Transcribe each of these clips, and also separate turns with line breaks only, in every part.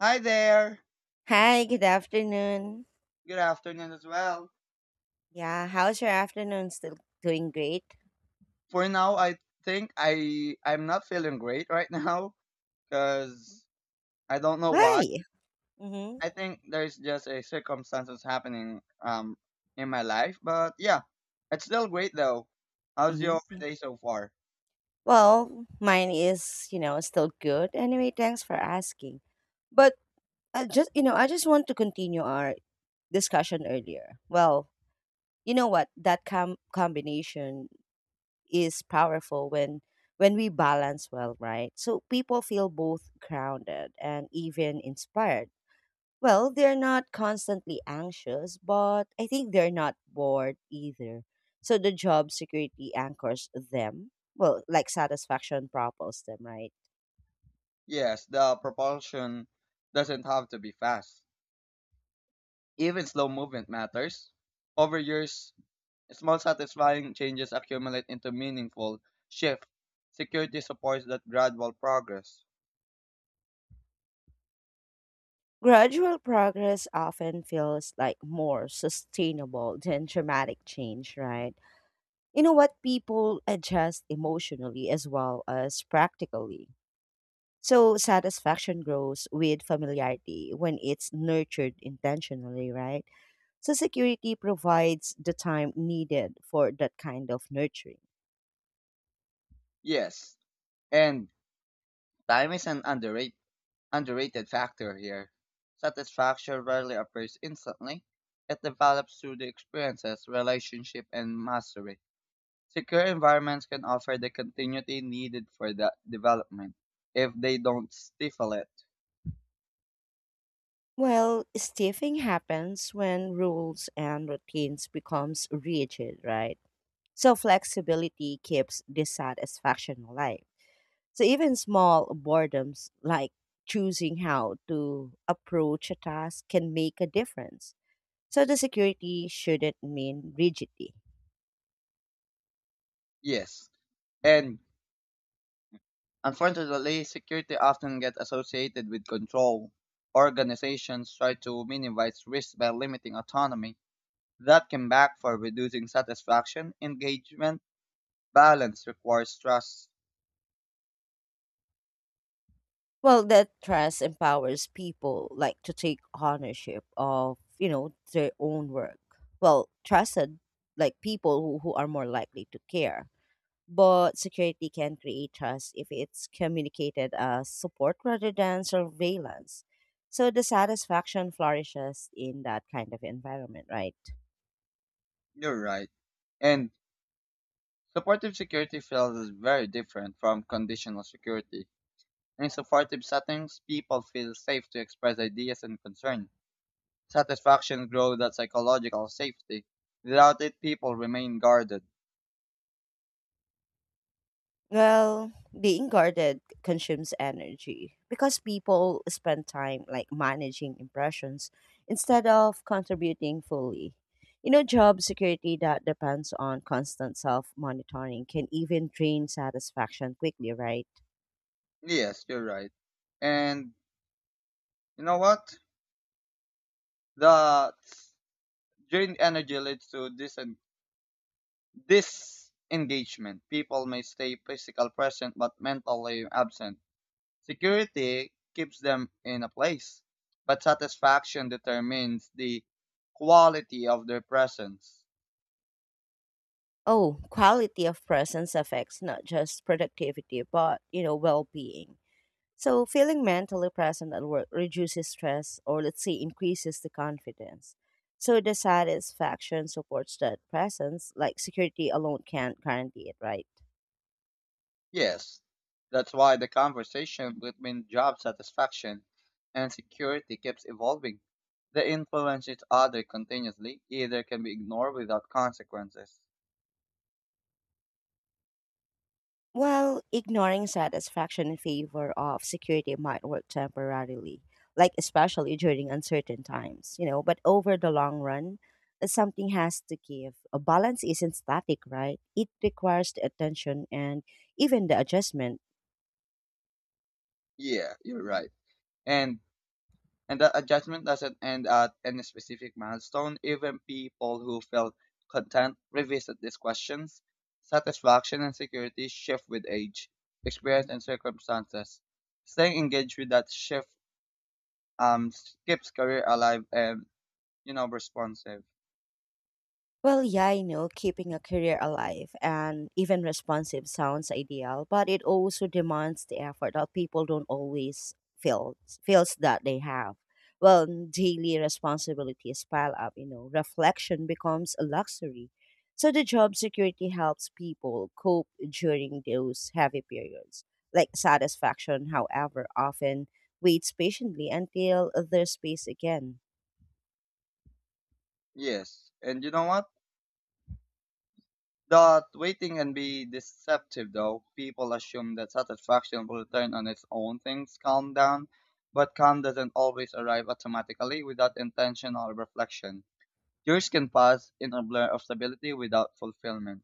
Hi there.
Hi, good afternoon.
Good afternoon as well.
Yeah, how's your afternoon? Still doing great?
For now, I think I'm not feeling great right now because I don't know why.
Why? Mm-hmm.
I think there's just a circumstances happening in my life, but yeah, it's still great though. How's
Mm-hmm.
your
Yeah.
day so far?
Well, mine is, still good. Anyway, thanks for asking. But I just, I just want to continue our discussion earlier. Well, you know what? That combination is powerful when we balance well, right? So people feel both grounded and even inspired. Well, they're not constantly anxious, but I think they're not bored either. So the job security anchors them. Well, like satisfaction propels them, right?
Yes, the propulsion doesn't have to be fast. Even slow movement matters. Over years, small satisfying changes accumulate into meaningful shift. Security supports that gradual progress.
Gradual progress often feels like more sustainable than dramatic change, right? You know what? People adjust emotionally as well as practically. So satisfaction grows with familiarity when it's nurtured intentionally, right? So security provides the time needed for that kind of nurturing.
Yes, and time is an underrated factor here. Satisfaction rarely appears instantly. It develops through the experiences, relationship, and mastery. Secure environments can offer the continuity needed for that development if they don't stifle it.
Well, stiffing happens when rules and routines becomes rigid, right? So flexibility keeps dissatisfaction alive. So even small boredoms like choosing how to approach a task can make a difference. So the security shouldn't mean rigidity.
Yes, and unfortunately, security often gets associated with control. Organizations try to minimize risk by limiting autonomy. That can backfire, reducing satisfaction, engagement, balance requires trust.
Well, that trust empowers people like to take ownership of, their own work. Well, trusted like people who are more likely to care. But security can create trust if it's communicated as support rather than surveillance. So the satisfaction flourishes in that kind of environment, right?
You're right. And supportive security feels is very different from conditional security. In supportive settings, people feel safe to express ideas and concerns. Satisfaction grows at psychological safety. Without it, people remain guarded.
Well, being guarded consumes energy because people spend time like managing impressions instead of contributing fully. You know, job security that depends on constant self monitoring can even drain satisfaction quickly, right?
Yes, you're right. And you know what? The drained energy leads to this and disengagement. People may stay physical present but mentally absent. Security keeps them in a place, but satisfaction determines the quality of their presence.
Oh, quality of presence affects not just productivity but, well being. So, feeling mentally present at work reduces stress or, let's say, increases the confidence. So, the satisfaction supports that presence, like security alone can't guarantee it, right?
Yes, that's why the conversation between job satisfaction and security keeps evolving. They influence each other continuously, either can be ignored without consequences.
Well, ignoring satisfaction in favor of security might work temporarily, like especially during uncertain times, but over the long run, something has to give. A balance isn't static, right? It requires the attention and even the adjustment.
Yeah, you're right. And and that adjustment doesn't end at any specific milestone. Even people who felt content revisit these questions. Satisfaction and security shift with age, experience and circumstances. Staying engaged with that shift um, keeps career alive and, you know, responsive.
Well, yeah, I know keeping a career alive and even responsive sounds ideal, but it also demands the effort that people don't always feel feels that they have. Well, daily responsibilities pile up, reflection becomes a luxury. So the job security helps people cope during those heavy periods. Like satisfaction, however, often waits patiently until there's space again.
Yes. And you know what? That waiting can be deceptive though. People assume that satisfaction will return on its own things calm down, but calm doesn't always arrive automatically without intentional reflection. Years can pass in a blur of stability without fulfillment.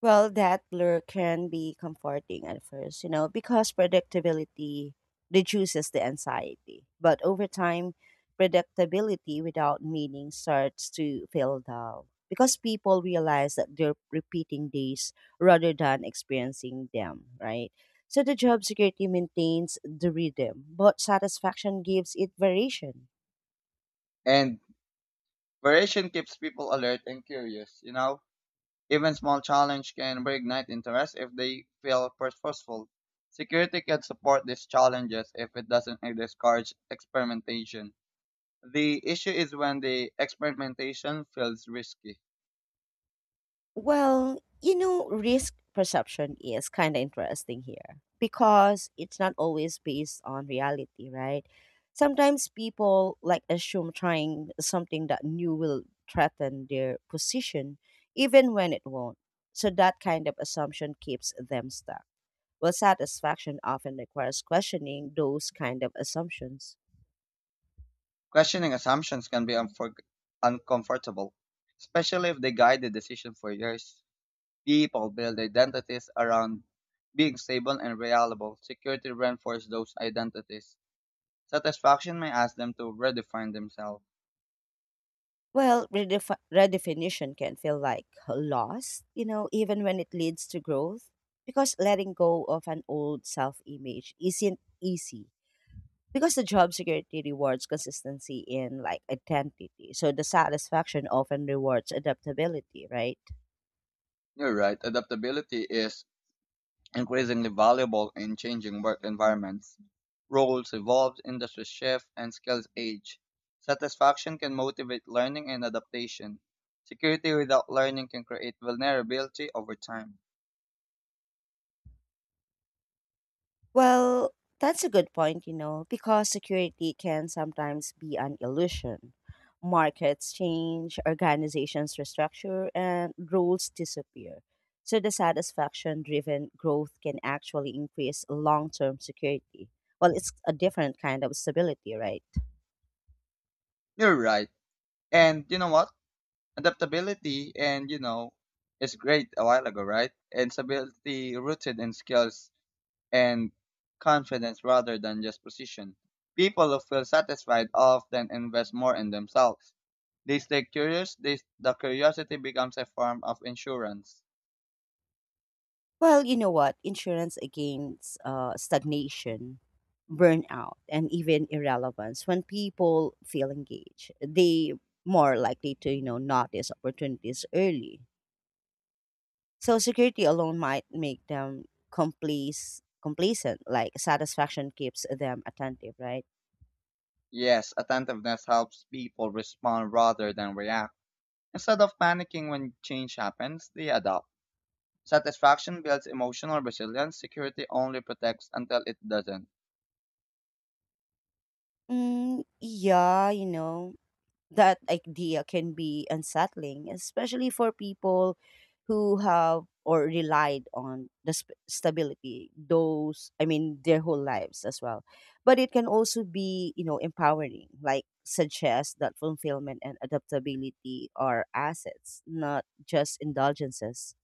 Well, that lure can be comforting at first, because predictability reduces the anxiety. But over time, predictability without meaning starts to feel dull because people realize that they're repeating days rather than experiencing them, right? So the job security maintains the rhythm, but satisfaction gives it variation.
And variation keeps people alert and curious, you know? Even small challenges can reignite interest if they feel purposeful. Security can support these challenges if it doesn't discourage experimentation. The issue is when the experimentation feels risky.
Well, risk perception is kind of interesting here because it's not always based on reality, right? Sometimes people like assume trying something that new will threaten their position, even when it won't. So that kind of assumption keeps them stuck. Well, satisfaction often requires questioning those kind of assumptions.
Questioning assumptions can be uncomfortable, especially if they guide the decision for years. People build identities around being stable and reliable. Security reinforces those identities. Satisfaction may ask them to redefine themselves.
Well, redefinition can feel like loss, even when it leads to growth, because letting go of an old self image isn't easy. Because the job security rewards consistency in like identity. So the satisfaction often rewards adaptability, right?
You're right. Adaptability is increasingly valuable in changing work environments. Roles evolve, industries shift, and skills age. Satisfaction can motivate learning and adaptation. Security without learning can create vulnerability over time.
Well, that's a good point, because security can sometimes be an illusion. Markets change, organizations restructure, and rules disappear. So the satisfaction driven growth can actually increase long term security. Well, it's a different kind of stability, right?
You're right. And you know what? Adaptability and, you know, is great a while ago, right? And stability rooted in skills and confidence rather than just position. People who feel satisfied often invest more in themselves. They stay curious. They, the curiosity becomes a form of insurance.
Well, you know what? Insurance against stagnation, burnout, and even irrelevance. When people feel engaged, they more likely to notice opportunities early. So security alone might make them complacent. Like satisfaction keeps them attentive, right?
Yes, attentiveness helps people respond rather than react. Instead of panicking when change happens, they adapt. Satisfaction builds emotional resilience. Security only protects until it doesn't.
Mm, yeah, that idea can be unsettling, especially for people who have or relied on the stability those I mean their whole lives as well, but it can also be, empowering, like suggests that fulfillment and adaptability are assets, not just indulgences.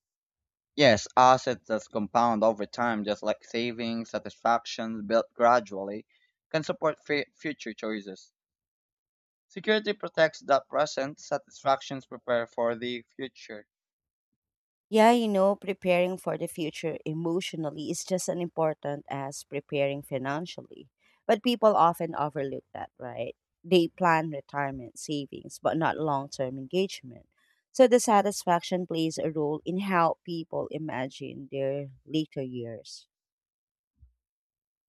Yes, assets that compound over time, just like savings, satisfactions built gradually, can support future choices. Security protects the present, satisfactions prepare for the future.
Yeah, preparing for the future emotionally is just as important as preparing financially. But people often overlook that, right? They plan retirement savings, but not long term engagement. So the satisfaction plays a role in how people imagine their later years.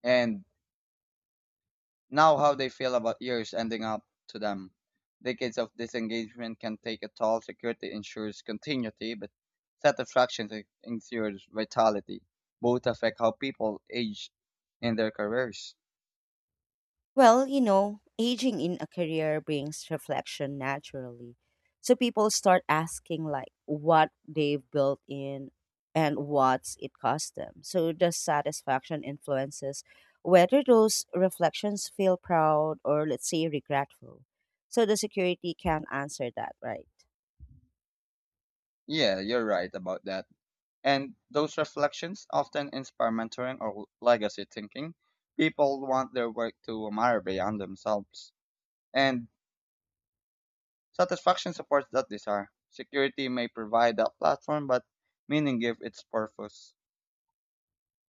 And now, how they feel about years ending up to them. Decades of disengagement can take a toll. Security ensures continuity, but satisfaction ensures vitality. Both affect how people age in their careers.
Well, aging in a career brings reflection naturally. So people start asking like what they've built in and what's it cost them. So the satisfaction influences whether those reflections feel proud or let's say regretful. So the security can answer that, right?
Yeah, you're right about that. And those reflections often inspire mentoring or legacy thinking. People want their work to admire beyond themselves. And satisfaction supports that desire. Security may provide that platform, but meaning give its purpose.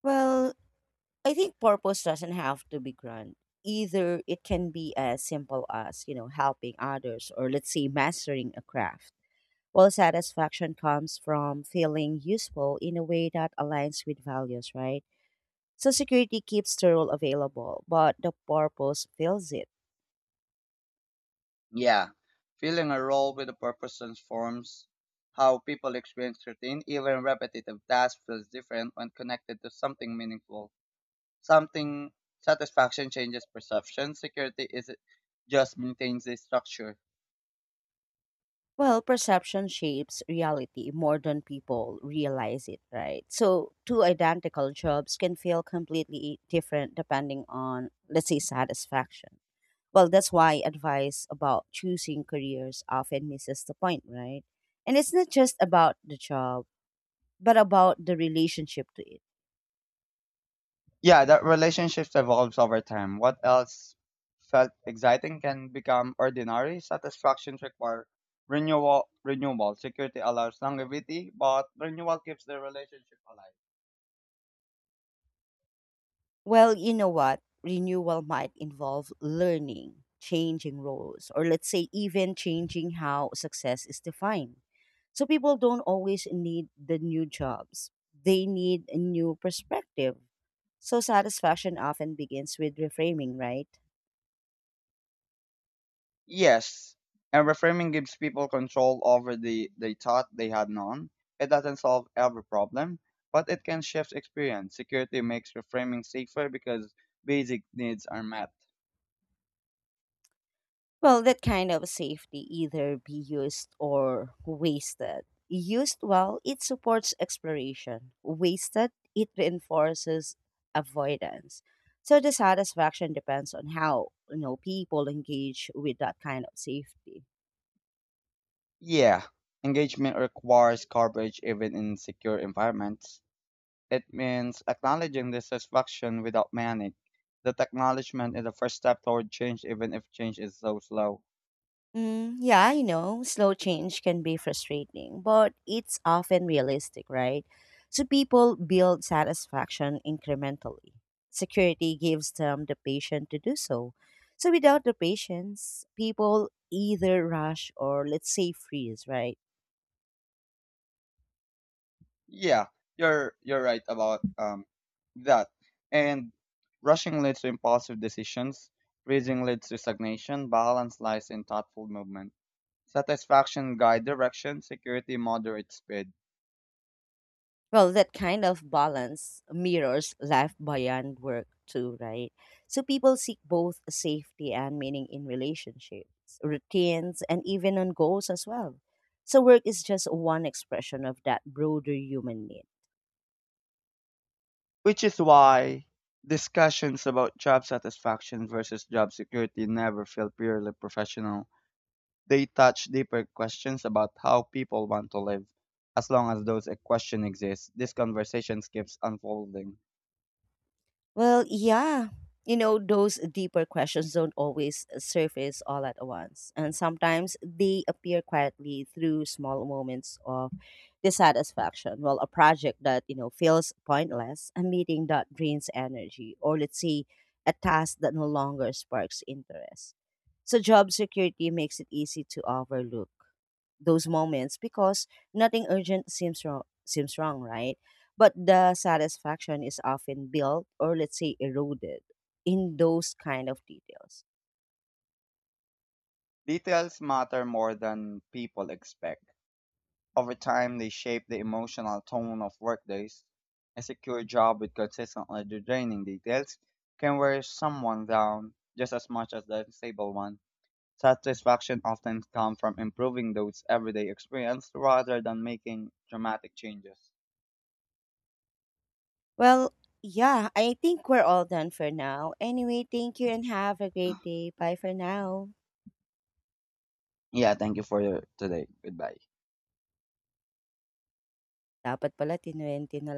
Well, I think purpose doesn't have to be grand. Either it can be as simple as, helping others or let's say mastering a craft. Well, satisfaction comes from feeling useful in a way that aligns with values, right? So security keeps the role available, but the purpose fills it.
Yeah. Filling a role with a purpose transforms how people experience routine. Even repetitive tasks feels different when connected to something meaningful. Something satisfaction changes perception. Security is just maintains the structure.
Well, perception shapes reality more than people realize it, right? So, two identical jobs can feel completely different depending on, let's say, satisfaction. Well, that's why advice about choosing careers often misses the point, right? And it's not just about the job, but about the relationship to it.
Yeah, that relationships evolves over time. What else felt exciting can become ordinary. Satisfactions require renewal. Security allows longevity, but renewal keeps the relationship alive.
Well, you know what? Renewal might involve learning, changing roles, or let's say even changing how success is defined. So people don't always need the new jobs, they need a new perspective. So satisfaction often begins with reframing, right?
Yes. And reframing gives people control over the they thought they had none. It doesn't solve every problem, but it can shift experience. Security makes reframing safer because basic needs are met.
Well, that kind of safety either be used or wasted. Used well, it supports exploration. Wasted, it reinforces avoidance. So the satisfaction depends on how people engage with that kind of safety.
Yeah. Engagement requires coverage even in secure environments. It means acknowledging dissatisfaction without panic. That acknowledgement is the first step toward change, even if change is so slow.
Mm, yeah, slow change can be frustrating, but it's often realistic, right? So people build satisfaction incrementally. Security gives them the patience to do so. So without the patience, people either rush or let's say freeze, right?
Yeah, you're right about that. And rushing leads to impulsive decisions. Freezing leads to stagnation. Balance lies in thoughtful movement. Satisfaction guide direction. Security moderate speed.
Well, that kind of balance mirrors life beyond work too, right? So people seek both safety and meaning in relationships, routines, and even on goals as well. So work is just one expression of that broader human need.
Which is why discussions about job satisfaction versus job security never feel purely professional. They touch deeper questions about how people want to live. As long as those questions exist, this conversation keeps unfolding.
Well, yeah. You know, those deeper questions don't always surface all at once. And sometimes they appear quietly through small moments of dissatisfaction. Well, a project that, feels pointless, a meeting that drains energy, or let's say a task that no longer sparks interest. So job security makes it easy to overlook those moments because nothing urgent seems wrong, right? But the satisfaction is often built or let's say eroded in those kind of details.
Details matter more than people expect. Over time, they shape the emotional tone of workdays. A secure job with consistently draining details can wear someone down just as much as the stable one. Satisfaction often comes from improving those everyday experience rather than making dramatic changes.
Well, yeah, I think we're all done for now. Anyway, thank you and have a great day. Bye for now.
Yeah, thank you for your today. Goodbye.
Dapat pala tinuwente